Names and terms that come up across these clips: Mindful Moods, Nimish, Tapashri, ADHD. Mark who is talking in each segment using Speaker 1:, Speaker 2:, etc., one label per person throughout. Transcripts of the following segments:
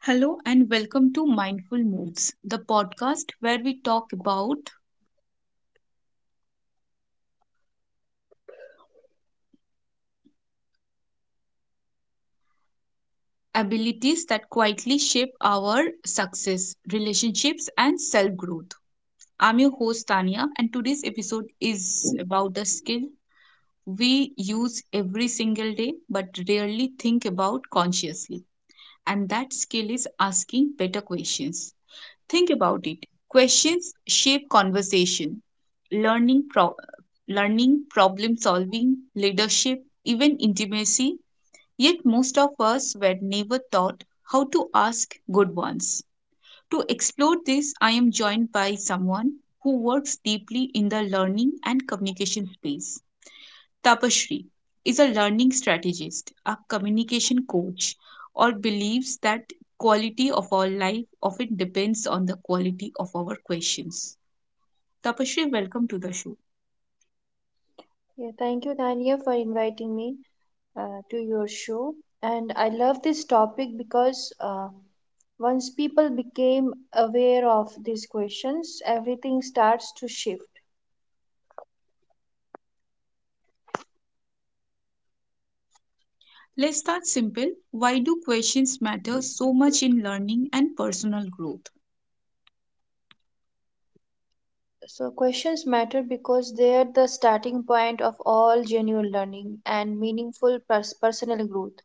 Speaker 1: Hello and welcome to Mindful Moods, the podcast where we talk about abilities that quietly shape our success, relationships, and self growth. I'm your host, Tanya, and today's episode is about a skill we use every single day but rarely think about consciously. And that skill is asking better questions. Think about it. Questions shape conversation, learning, pro- learning, problem solving, leadership, even intimacy. Yet most of us were never taught how to ask good ones. To explore this, I am joined by someone who works deeply in the learning and communication space. Tapashri is a learning strategist, a communication coach, or believes that quality of our life often depends on the quality of our questions. Tapashri, welcome to the show.
Speaker 2: Yeah, thank you, Dania, for inviting me to your show. And I love this topic because once people became aware of these questions, everything starts to shift.
Speaker 1: Let's start simple. Why do questions matter so much in learning and personal growth?
Speaker 2: So, questions matter because they're the starting point of all genuine learning and meaningful personal growth.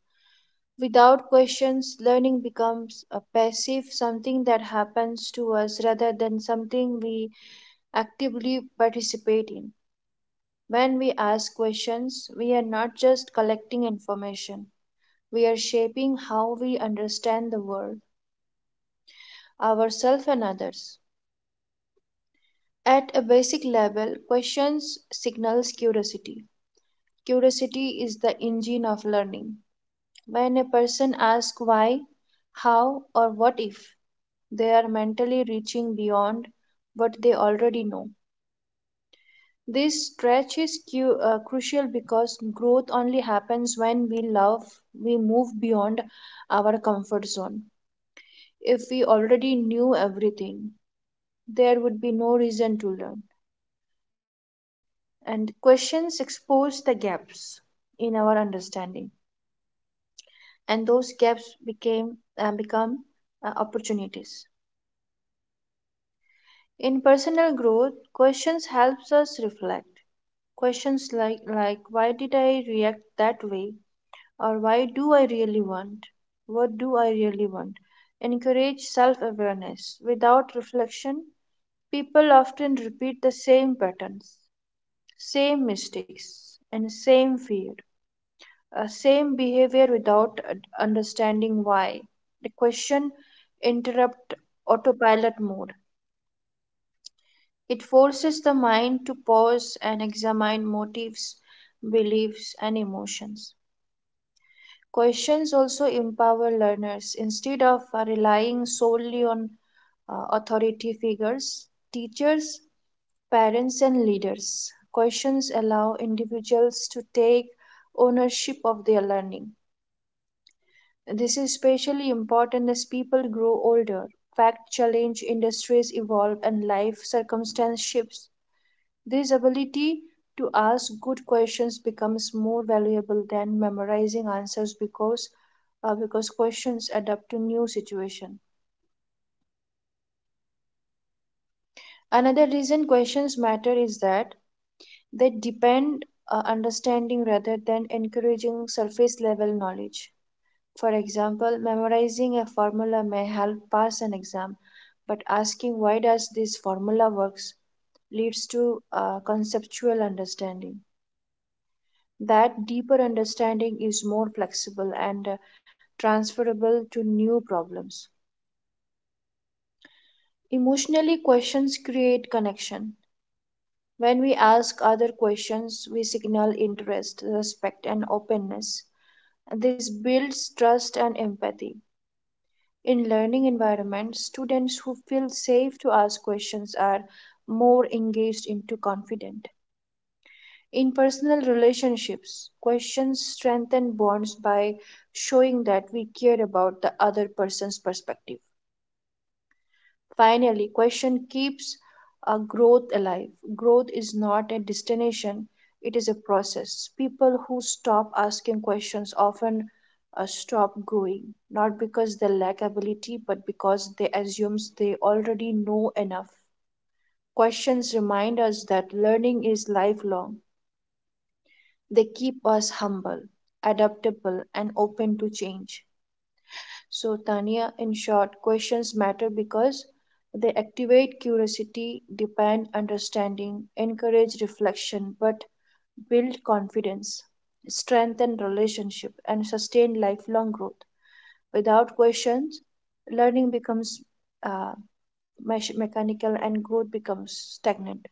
Speaker 2: Without questions, learning becomes a passive, something that happens to us rather than something we actively participate in. When we ask questions, we are not just collecting information, we are shaping how we understand the world, ourselves, and others. At a basic level, questions signals curiosity. Curiosity is the engine of learning. When a person asks why, how, or what if, they are mentally reaching beyond what they already know. This stretch is crucial because growth only happens when we love, we move beyond our comfort zone. If we already knew everything, there would be no reason to learn. And questions expose the gaps in our understanding, and those gaps became become opportunities. In personal growth, questions helps us reflect. Questions like why did I react that way? Or why do I really want? What do I really want? Encourage self awareness. Without reflection, people often repeat the same patterns, same mistakes, and same fear, same behavior without understanding why. The question interrupt autopilot mode. It forces the mind to pause and examine motives, beliefs, and emotions. Questions also empower learners. Instead of relying solely on authority figures, teachers, parents, and leaders, questions allow individuals to take ownership of their learning. This is especially important as people grow older. Fact challenge industries evolve and life circumstances shift. This ability to ask good questions becomes more valuable than memorizing answers because questions adapt to new situation. Another reason questions matter is that they depend understanding rather than encouraging surface level knowledge. For example, memorizing a formula may help pass an exam, but asking why does this formula works leads to conceptual understanding. That deeper understanding is more flexible and transferable to new problems. Emotionally, questions create connection. When we ask other questions, we signal interest, respect, and openness. This builds trust and empathy. In learning environments, students who feel safe to ask questions are more engaged into confident. In personal relationships, questions strengthen bonds by showing that we care about the other person's perspective. Finally, question keeps growth alive. Growth is not a destination, it is a process. People who stop asking questions often stop growing, not because they lack ability, but because they assume they already know enough. Questions remind us that learning is lifelong. They keep us humble, adaptable, and open to change. So, Tania, in short, questions matter because they activate curiosity, depend understanding, encourage reflection, but build confidence, strengthen relationship, and sustain lifelong growth. Without questions, learning becomes uh, mechanical and growth becomes stagnant.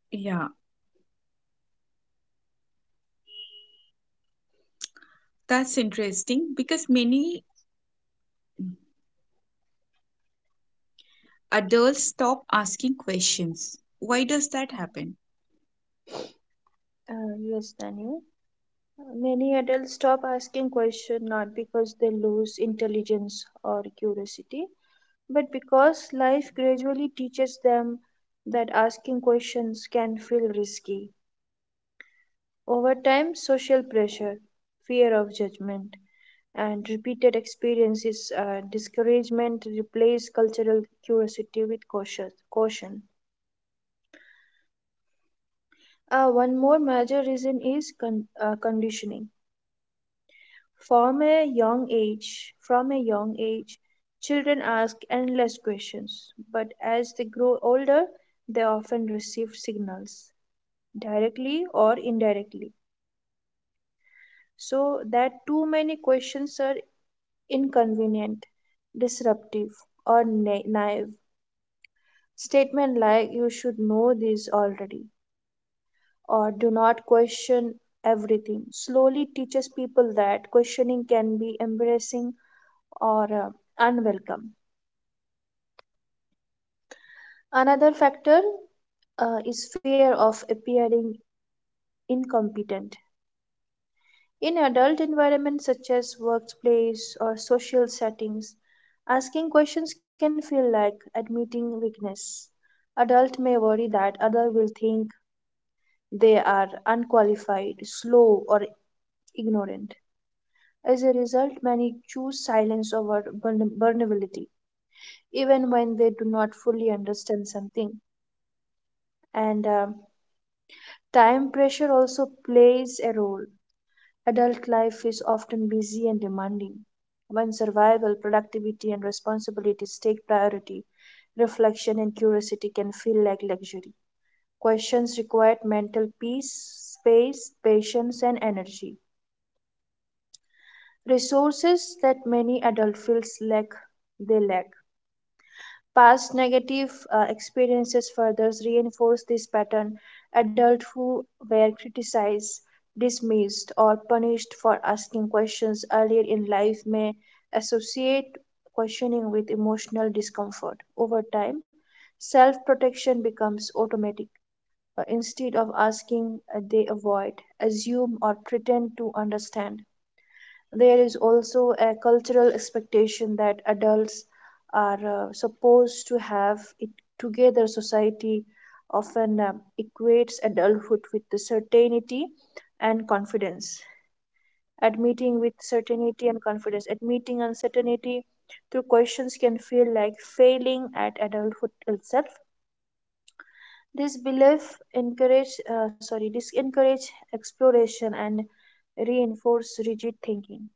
Speaker 1: Yeah, that's interesting because many adults stop asking questions. Why does that happen?
Speaker 2: Yes, Tanya. Many adults stop asking questions not because they lose intelligence or curiosity, but because life gradually teaches them that asking questions can feel risky. Over time, social pressure, fear of judgment, and repeated experiences, discouragement replace cultural curiosity with cautious, caution. One more major reason is conditioning. From a young age, children ask endless questions, but as they grow older, they often receive signals, directly or indirectly, so that too many questions are inconvenient, disruptive, or naive. Statement like "You should know this already" or "Do not question everything" slowly teaches people that questioning can be embarrassing or unwelcome. Another factor is fear of appearing incompetent. In adult environments such as workplace or social settings, asking questions can feel like admitting weakness. Adult may worry that others will think they are unqualified, slow, or ignorant. As a result, many choose silence over vulnerability, even when they do not fully understand something. And Time pressure also plays a role. Adult life is often busy and demanding. When survival, productivity, and responsibilities take priority, reflection and curiosity can feel like luxury. Questions require mental peace, space, patience, and energy. Resources that many adult feels lack they lack. Past negative experiences further reinforce this pattern. Adults who were criticized, dismissed, or punished for asking questions earlier in life may associate questioning with emotional discomfort. Over time, self protection becomes automatic. Instead of asking, they avoid, assume, or pretend to understand. There is also a cultural expectation that adults are supposed to have it together. Society often equates adulthood with the certainty and confidence. Admitting uncertainty through questions can feel like failing at adulthood itself. This encourage exploration and reinforce rigid thinking.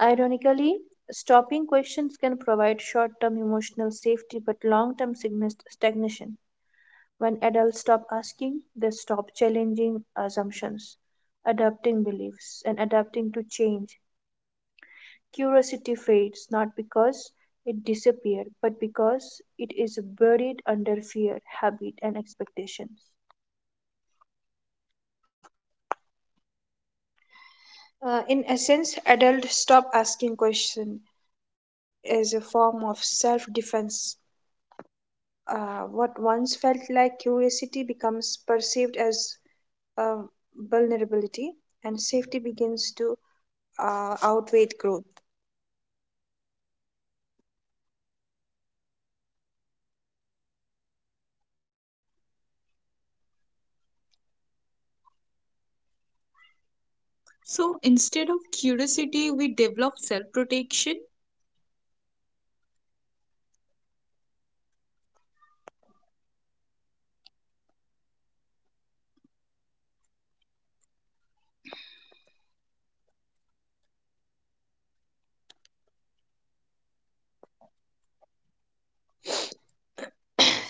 Speaker 2: Ironically, stopping questions can provide short term emotional safety but long term stagnation. When adults stop asking, they stop challenging assumptions, adapting beliefs, and adapting to change. Curiosity fades not because it disappeared, but because it is buried under fear, habit, and expectations. In essence, adults stop asking questions as a form of self defense. What once felt like curiosity becomes perceived as uh, vulnerability, and safety begins to outweigh growth.
Speaker 1: So instead of curiosity, we develop self protection.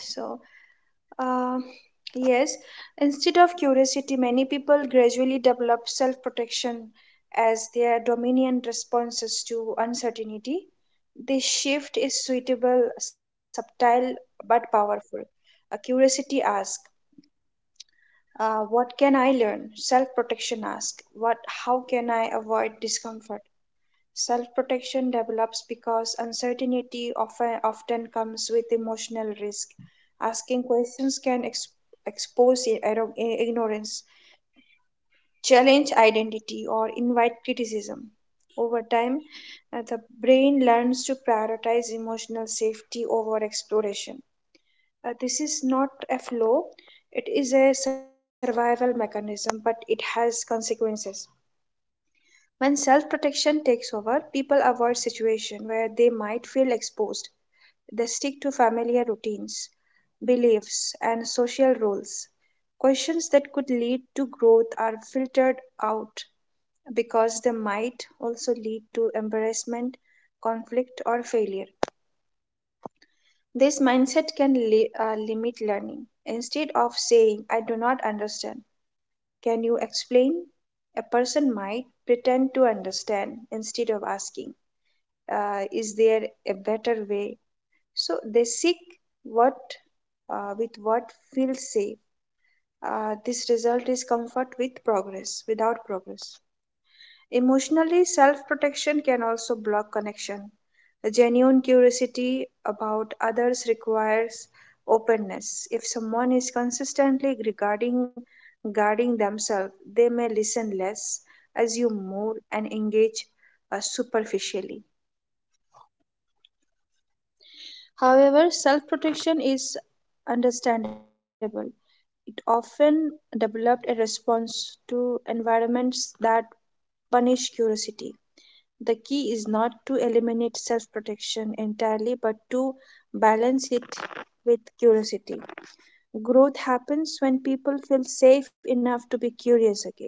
Speaker 2: So, uh, yes, instead of curiosity, many people gradually develop self protection as their dominant responses to uncertainty. This shift is subtle, but powerful. A curiosity asks, what can I learn? Self protection ask. What How can I avoid discomfort? Self protection develops because uncertainty often comes with emotional risk. Asking questions can expose ignorance, challenge identity or invite criticism. Over time, the brain learns to prioritize emotional safety over exploration. This is not a flaw, it is a survival mechanism, but it has consequences. When self protection takes over, people avoid situations where they might feel exposed. They stick to familiar routines, beliefs, and social roles. Questions that could lead to growth are filtered out because they might also lead to embarrassment, conflict, or failure. This mindset can limit learning. Instead of saying, I do not understand, can you explain? A person might pretend to understand instead of asking, Is there a better way? So they seek what with what feels safe. This result is without progress. Emotionally, self protection can also block connection. A genuine curiosity about others requires openness. If someone is consistently regarding guarding themselves, they may listen less, assume more, and engage superficially. However, self protection is understandable. It often developed a response to environments that punish curiosity. The key is not to eliminate self protection entirely, but to balance it with curiosity. Growth happens when people feel safe enough to be curious again.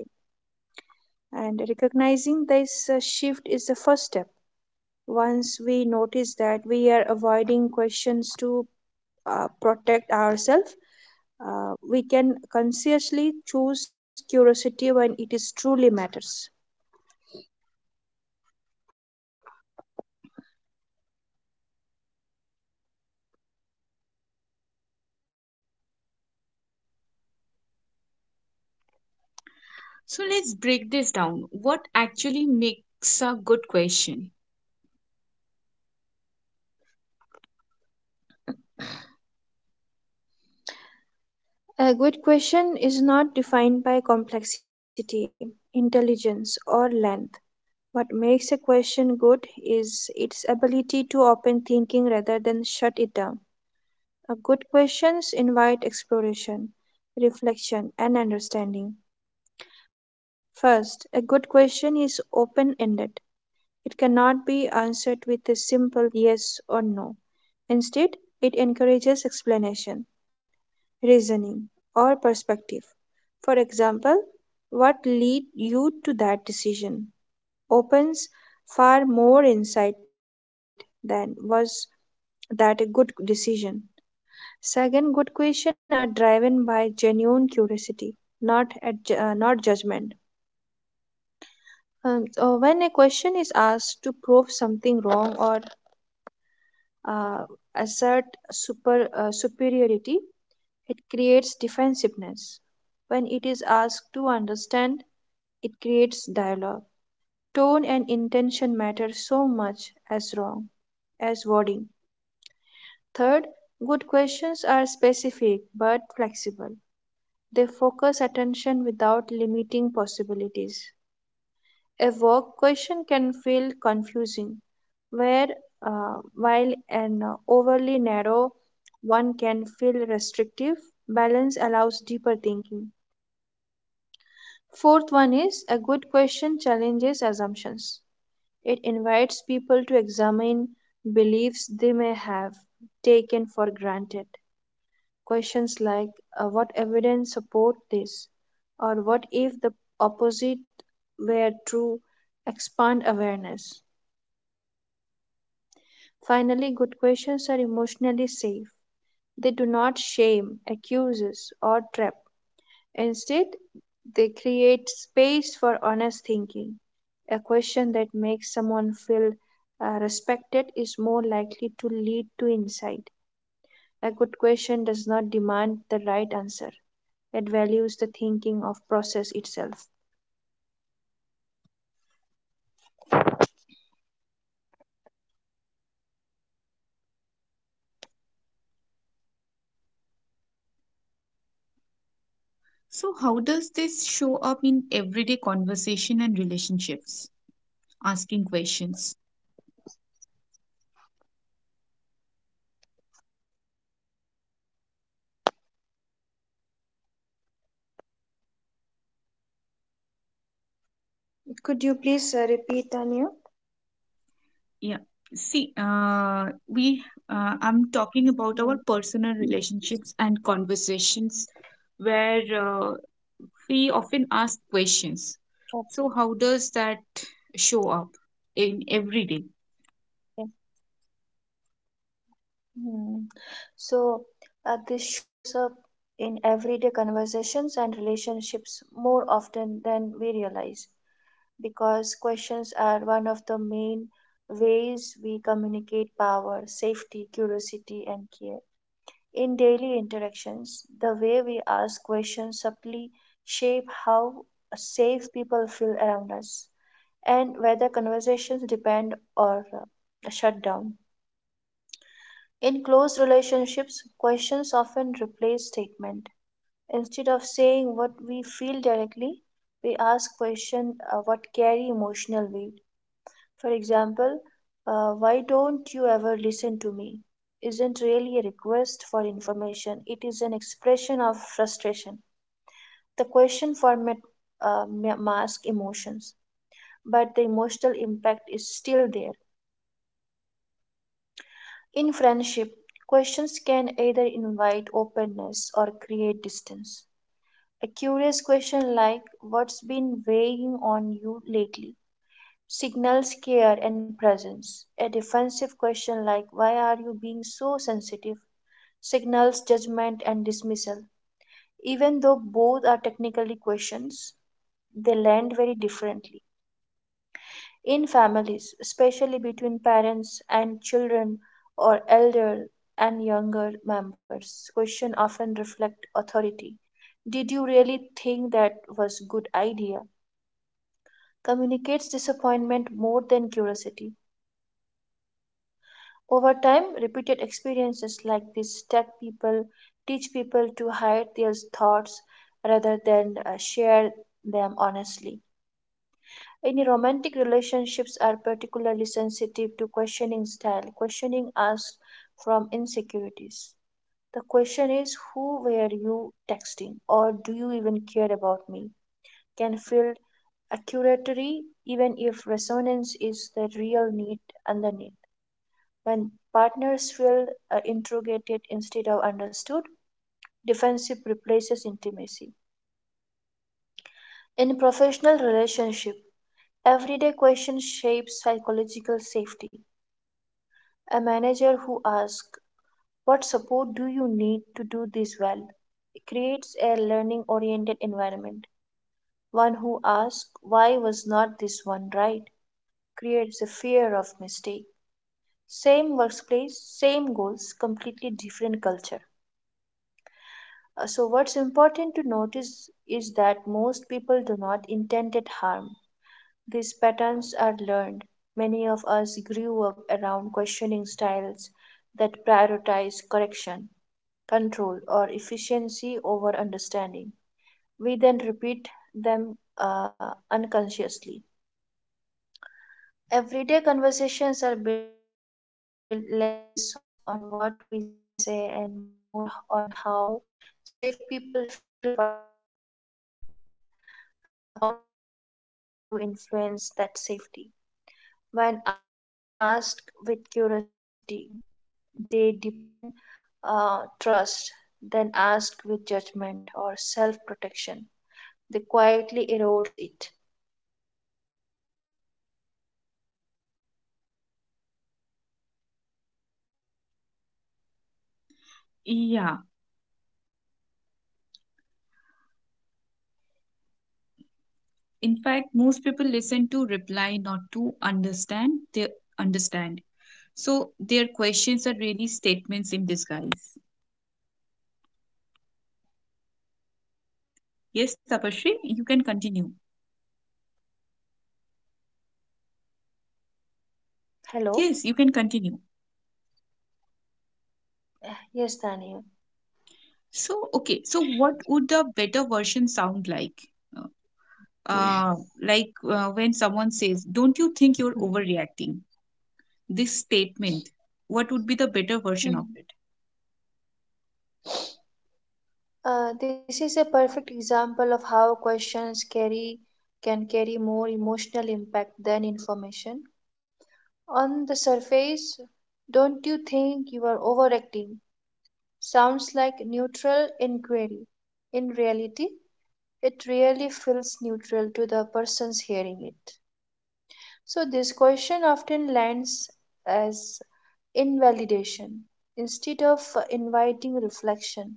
Speaker 2: And recognizing this shift is the first step. Once we notice that we are avoiding questions to protect ourselves, we can consciously choose curiosity when it is truly matters.
Speaker 1: So let's break this down. What actually makes a good question?
Speaker 2: A good question is not defined by complexity, intelligence, or length. What makes a question good is its ability to open thinking rather than shut it down. A good questions invite exploration, reflection, and understanding. First, a good question is open ended. It cannot be answered with a simple yes or no. Instead, it encourages explanation, reasoning, or perspective. For example, what led you to that decision opens far more insight than was that a good decision. Second, good questions are driven by genuine curiosity, not judgment. So when a question is asked to prove something wrong or uh, assert superiority, it creates defensiveness. When it is asked to understand, it creates dialogue. Tone and intention matter so much as wrong as wording. Third, good questions are specific but flexible. They focus attention without limiting possibilities. A vague question can feel confusing, where while an overly narrow one can feel restrictive, balance allows deeper thinking. Fourth one is a good question challenges assumptions. It invites people to examine beliefs they may have taken for granted. Questions like what evidence support this or what if the opposite were true expand awareness. Finally, good questions are emotionally safe. They do not shame, accuse, or trap. Instead, they create space for honest thinking. A question that makes someone feel respected is more likely to lead to insight. A good question does not demand the right answer, it values the thinking of process itself.
Speaker 1: So, how does this show up in everyday conversation and relationships? Asking questions.
Speaker 2: Could you please repeat, Tanya?
Speaker 1: Yeah. See, we. I'm talking about
Speaker 2: Yeah.
Speaker 1: our personal relationships and conversations where we often ask questions.
Speaker 2: Okay.
Speaker 1: So, how does that show up in everyday?
Speaker 2: Yeah. Hmm. So this shows up in everyday conversations and relationships more often than we realize, because questions are one of the main ways we communicate power, safety, curiosity, and care. In daily interactions, the way we ask questions subtly shape how safe people feel around us and whether conversations depend or shut down. In close relationships, questions often replace statement. Instead of saying what we feel directly, we ask questions what carry emotional weight. For example, why don't you ever listen to me? Isn't really a request for information, it is an expression of frustration. The question format masks emotions, but the emotional impact is still there. In friendship, questions can either invite openness or create distance. A curious question like, "What's been weighing on you lately?" signals care and presence. A defensive question like, "Why are you being so sensitive?" signals judgment and dismissal. Even though both are technically questions, they land very differently. In families, especially between parents and children or elder and younger members, questions often reflect authority. "Did you really think that was a good idea?" communicates disappointment more than curiosity. Over time, repeated experiences like this stuck people, teach people to hide their thoughts rather than share them honestly. In romantic relationships are particularly sensitive to questioning style. Questioning asks from insecurities. The question is who were you texting, or do you even care about me? Can feel accusatory even if resonance is the real need underneath. When partners feel interrogated instead of understood, defensive replaces intimacy. In professional relationship, everyday questions shape psychological safety. A manager who asks, "What support do you need to do this well?" creates a learning-oriented environment. One who asks, "Why was not this one right?" creates a fear of mistake. Same workplace, same goals, completely different culture. So, what's important to notice is that most people do not intended harm. These patterns are learned. Many of us grew up around questioning styles that prioritize correction, control, or efficiency over understanding. We then repeat them unconsciously. Everyday conversations are built less on what we say and more on how safe people feel while saying it. Questions are on the fastest way to influence that safety. When asked with curiosity, they depend trust. Then asked with judgment or self-protection, they quietly erodes it.
Speaker 1: Yeah. In fact, most people listen to reply, not to understand. They understand. So their questions are really statements in disguise. Yes, Tapashri, you can continue.
Speaker 2: Hello.
Speaker 1: Yes, you can continue.
Speaker 2: Yes, Daniel.
Speaker 1: So what would the better version sound like? Uh, like when someone says, "Don't you think you're overreacting?" This statement, what would be the better version of it?
Speaker 2: Hmm. This is a perfect example of how questions carry can carry more emotional impact than information. On the surface, "Don't you think you are overacting?" sounds like neutral inquiry. In reality, it really feels neutral to the persons hearing it. So, this question often lands as invalidation. Instead of inviting reflection,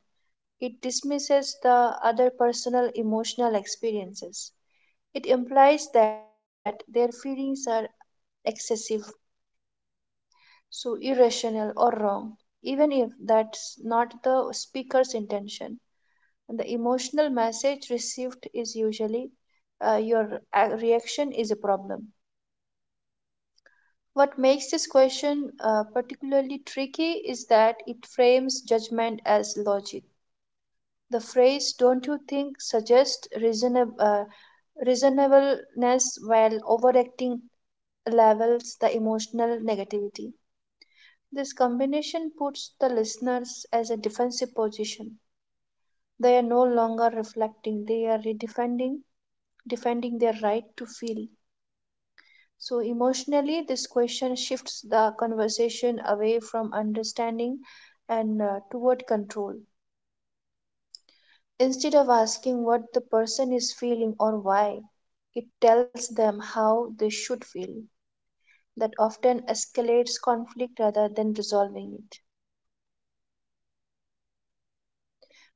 Speaker 2: it dismisses the other personal emotional experiences. It implies that their feelings are excessive, so irrational or wrong, even if that's not the speaker's intention. And the emotional message received is usually, your reaction is a problem. What makes this question particularly tricky is that it frames judgment as logic. The phrase "Don't you think?" suggests reasonableness, while overacting levels the emotional negativity. This combination puts the listeners as a defensive position. They are no longer reflecting; they are redefending defending their right to feel. So, emotionally, this question shifts the conversation away from understanding and toward control. Instead of asking what the person is feeling or why, it tells them how they should feel. That often escalates conflict rather than resolving it.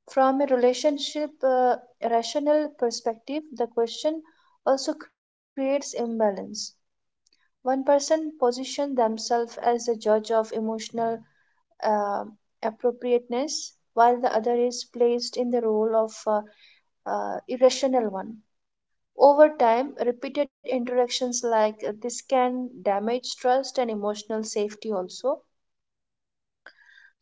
Speaker 2: From a relationship rational perspective, the question also creates imbalance. One person positions themselves as a judge of emotional uh, appropriateness, while the other is placed in the role of irrational one. Over time, repeated interactions like this can damage trust and emotional safety also.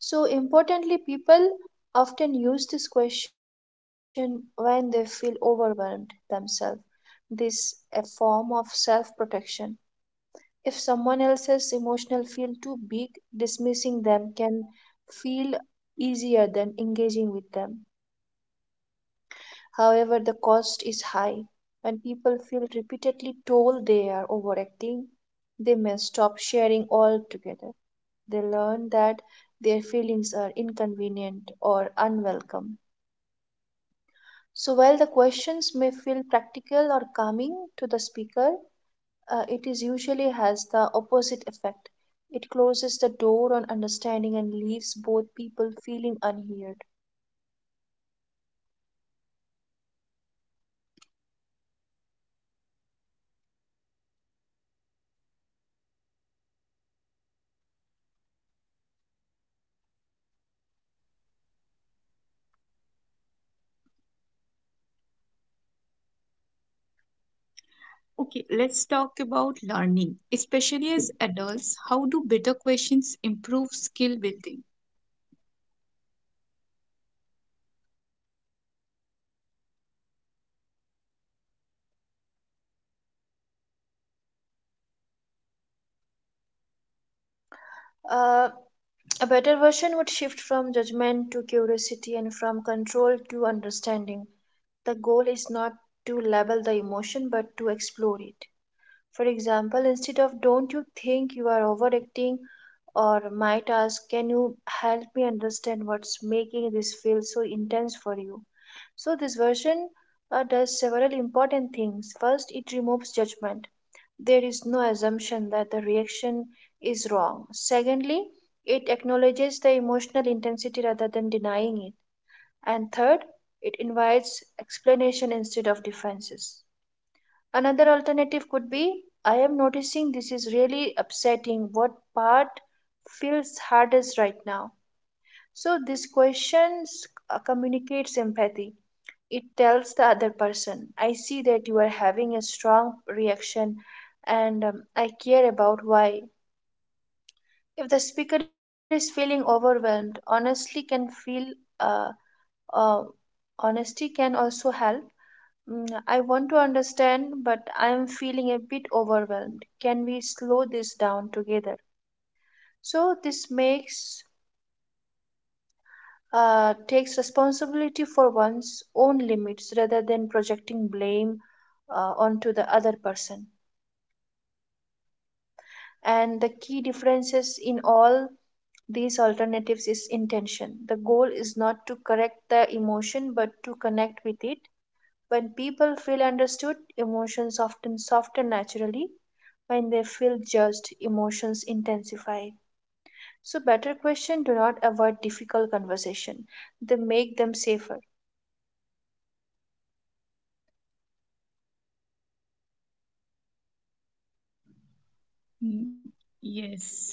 Speaker 2: So, importantly, people often use this question when they feel overwhelmed themselves. This a form of self protection. If someone else's emotional feel too big, dismissing them can feel easier than engaging with them. However, the cost is high. When people feel repeatedly told they are overacting, they may stop sharing altogether. They learn that their feelings are inconvenient or unwelcome. So, while the questions may feel practical or calming to the speaker, it is usually has the opposite effect. It closes the door on understanding and leaves both people feeling unheard.
Speaker 1: Okay, let's talk about learning, especially as adults. How do better questions improve skill building?
Speaker 2: Uh, a better version would shift from judgment to curiosity and from control to understanding. The goal is not to label the emotion but to explore it. For example, instead of "don't you think you are overacting," or might ask, "can you help me understand what's making this feel so intense for you?" So, this version does several important things. First, it removes judgment. There is no assumption that the reaction is wrong. Secondly, it acknowledges the emotional intensity rather than denying it. And third, it invites explanation instead of defenses. Another alternative could be, "I am noticing this is really upsetting. What part feels hardest right now?" So, this question communicates empathy. It tells the other person, "I see that you are having a strong reaction and I care about why." If the speaker is feeling overwhelmed, honestly can feel uh, uh, honesty can also help. Mm, "I want to understand, but I am feeling a bit overwhelmed. Can we slow this down together?" So this makes takes responsibility for one's own limits rather than projecting blame onto the other person. And the key differences in all these alternatives is intention. The goal is not to correct the emotion but to connect with it. When people feel understood, emotions often soften naturally. When they feel judged, emotions intensify. So better question do not avoid difficult conversation. They make them safer.
Speaker 1: Mm, yes.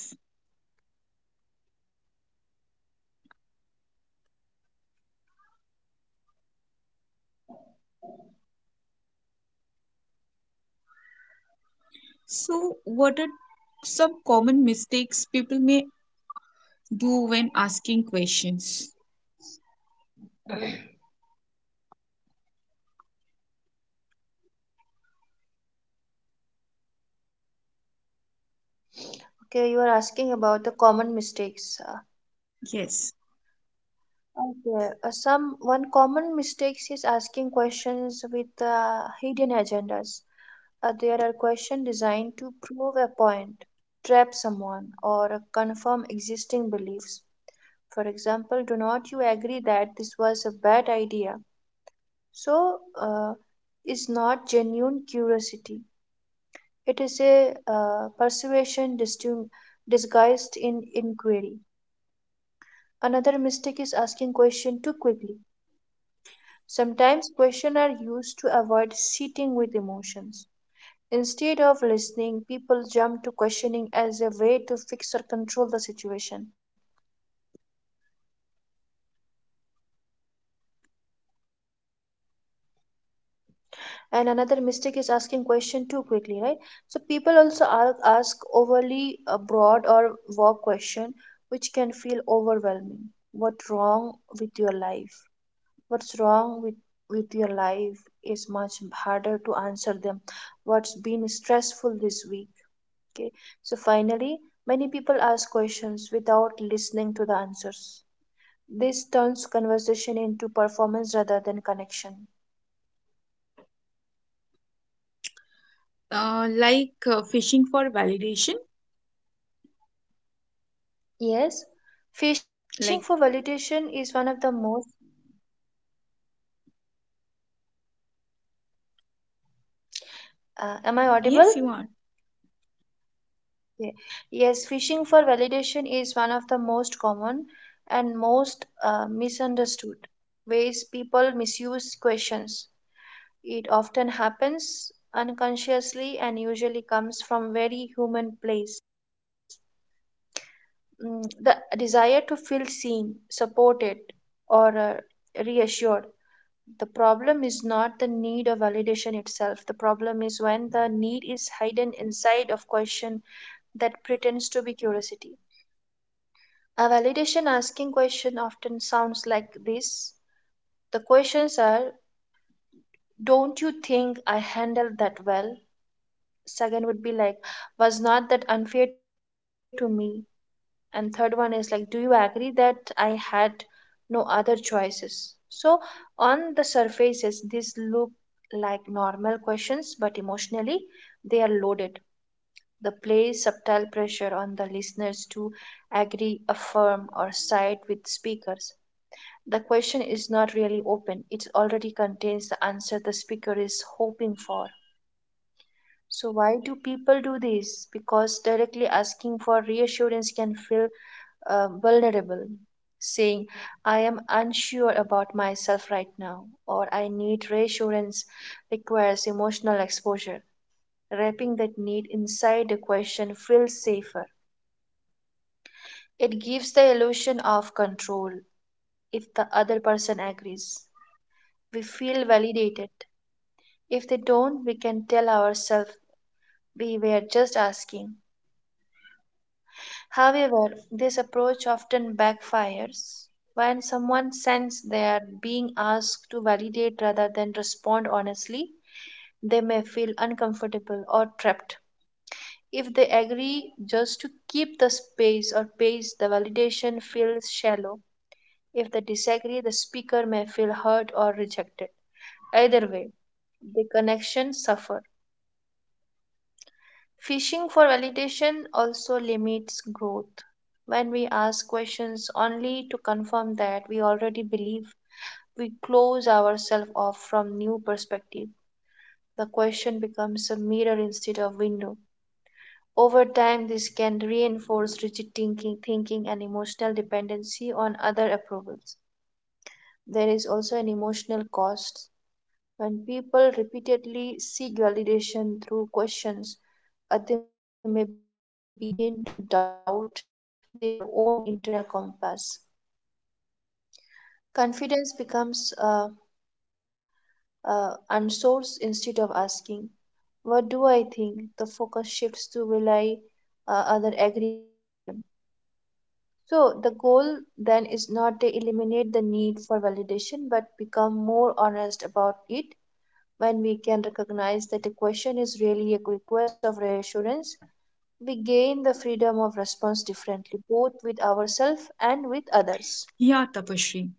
Speaker 1: So, what are some common mistakes people may do when asking questions?
Speaker 2: Okay, you are asking about the common mistakes.
Speaker 1: Yes.
Speaker 2: Okay, some one common mistakes is asking questions with hidden agendas. There are questions designed to prove a point, trap someone, or confirm existing beliefs. For example, "do not you agree that this was a bad idea?" So, is not genuine curiosity. It is a persuasion disguised in inquiry. Another mistake is asking question too quickly. Sometimes questions are used to avoid sitting with emotions. Instead of listening, people jump to questioning as a way to fix or control the situation. And another mistake is asking question too quickly, right? So people also ask overly broad or vague question, which can feel overwhelming. What wrong with your life? "What's wrong with your life" is much harder to answer them. What's been stressful this week? Okay. So finally, many people ask questions without listening to the answers. This turns conversation into performance rather than connection.
Speaker 1: Like fishing for validation?
Speaker 2: Yes, fishing
Speaker 1: Like,
Speaker 2: for validation is one of the most. Am I audible?
Speaker 1: yes, you are.
Speaker 2: Ye- Yes, fishing for validation is one of the most common and most misunderstood ways people misuse questions. It often happens unconsciously and usually comes from very human place. Mm, the desire to feel seen, supported, or reassured. The problem is not the need of validation itself. The problem is when the need is hidden inside of question that pretends to be curiosity. A validation asking question often sounds like this. The questions are, "don't you think I handled that well?" Second would be like, "was not that unfair to me?" And third one is like, "do you agree that I had no other choices?" So on the surfaces, these look like normal questions, but emotionally they are loaded. They play subtle pressure on the listeners to agree, affirm, or side with speakers. The question is not really open; it already contains the answer the speaker is hoping for. So, why do people do this? Because directly asking for reassurance can feel vulnerable. Saying, "I am unsure about myself right now," or "I need reassurance" requires emotional exposure. Wrapping that need inside the question feels safer. It gives the illusion of control. If the other person agrees, we feel validated. If they don't, we can tell ourselves we were just asking. However, this approach often backfires. When someone senses they are being asked to validate rather than respond honestly, they may feel uncomfortable or trapped. If they agree just to keep the space or pace, the validation feels shallow. If they disagree, the speaker may feel hurt or rejected. Either way, the connection suffers. Fishing for validation also limits growth. When we ask questions only to confirm that we already believe, we close ourselves off from new perspective. The question becomes a mirror instead of window. Over time, this can reinforce rigid thinking and emotional dependency on other approvals. There is also an emotional cost. When people repeatedly seek validation through questions, they may begin to doubt their own internal compass. Confidence becomes unsourced. Instead of asking, "What do I think?" the focus shifts to will I other agree to them. So, the goal then is not to eliminate the need for validation but become more honest about it. When we can recognize that a question is really a request of reassurance, we gain the freedom of response differently, both with ourselves and with others.
Speaker 1: Yeah, Tapashri.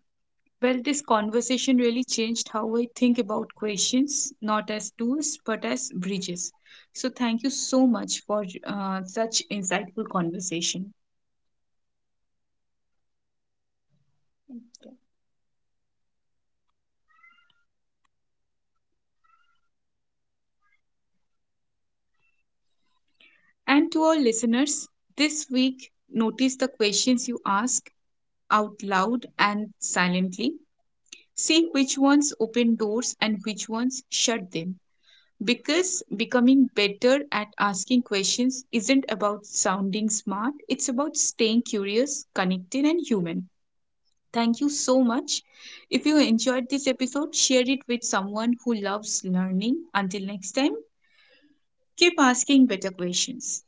Speaker 1: Well, this conversation really changed how I think about questions, not as tools, but as bridges. So, thank you so much for such insightful conversation. And to our listeners, this week, notice the questions you ask out loud and silently. See which ones open doors and which ones shut them. Because becoming better at asking questions isn't about sounding smart, it's about staying curious, connected, and human. Thank you so much. If you enjoyed this episode, share it with someone who loves learning. Until next time, keep asking better questions.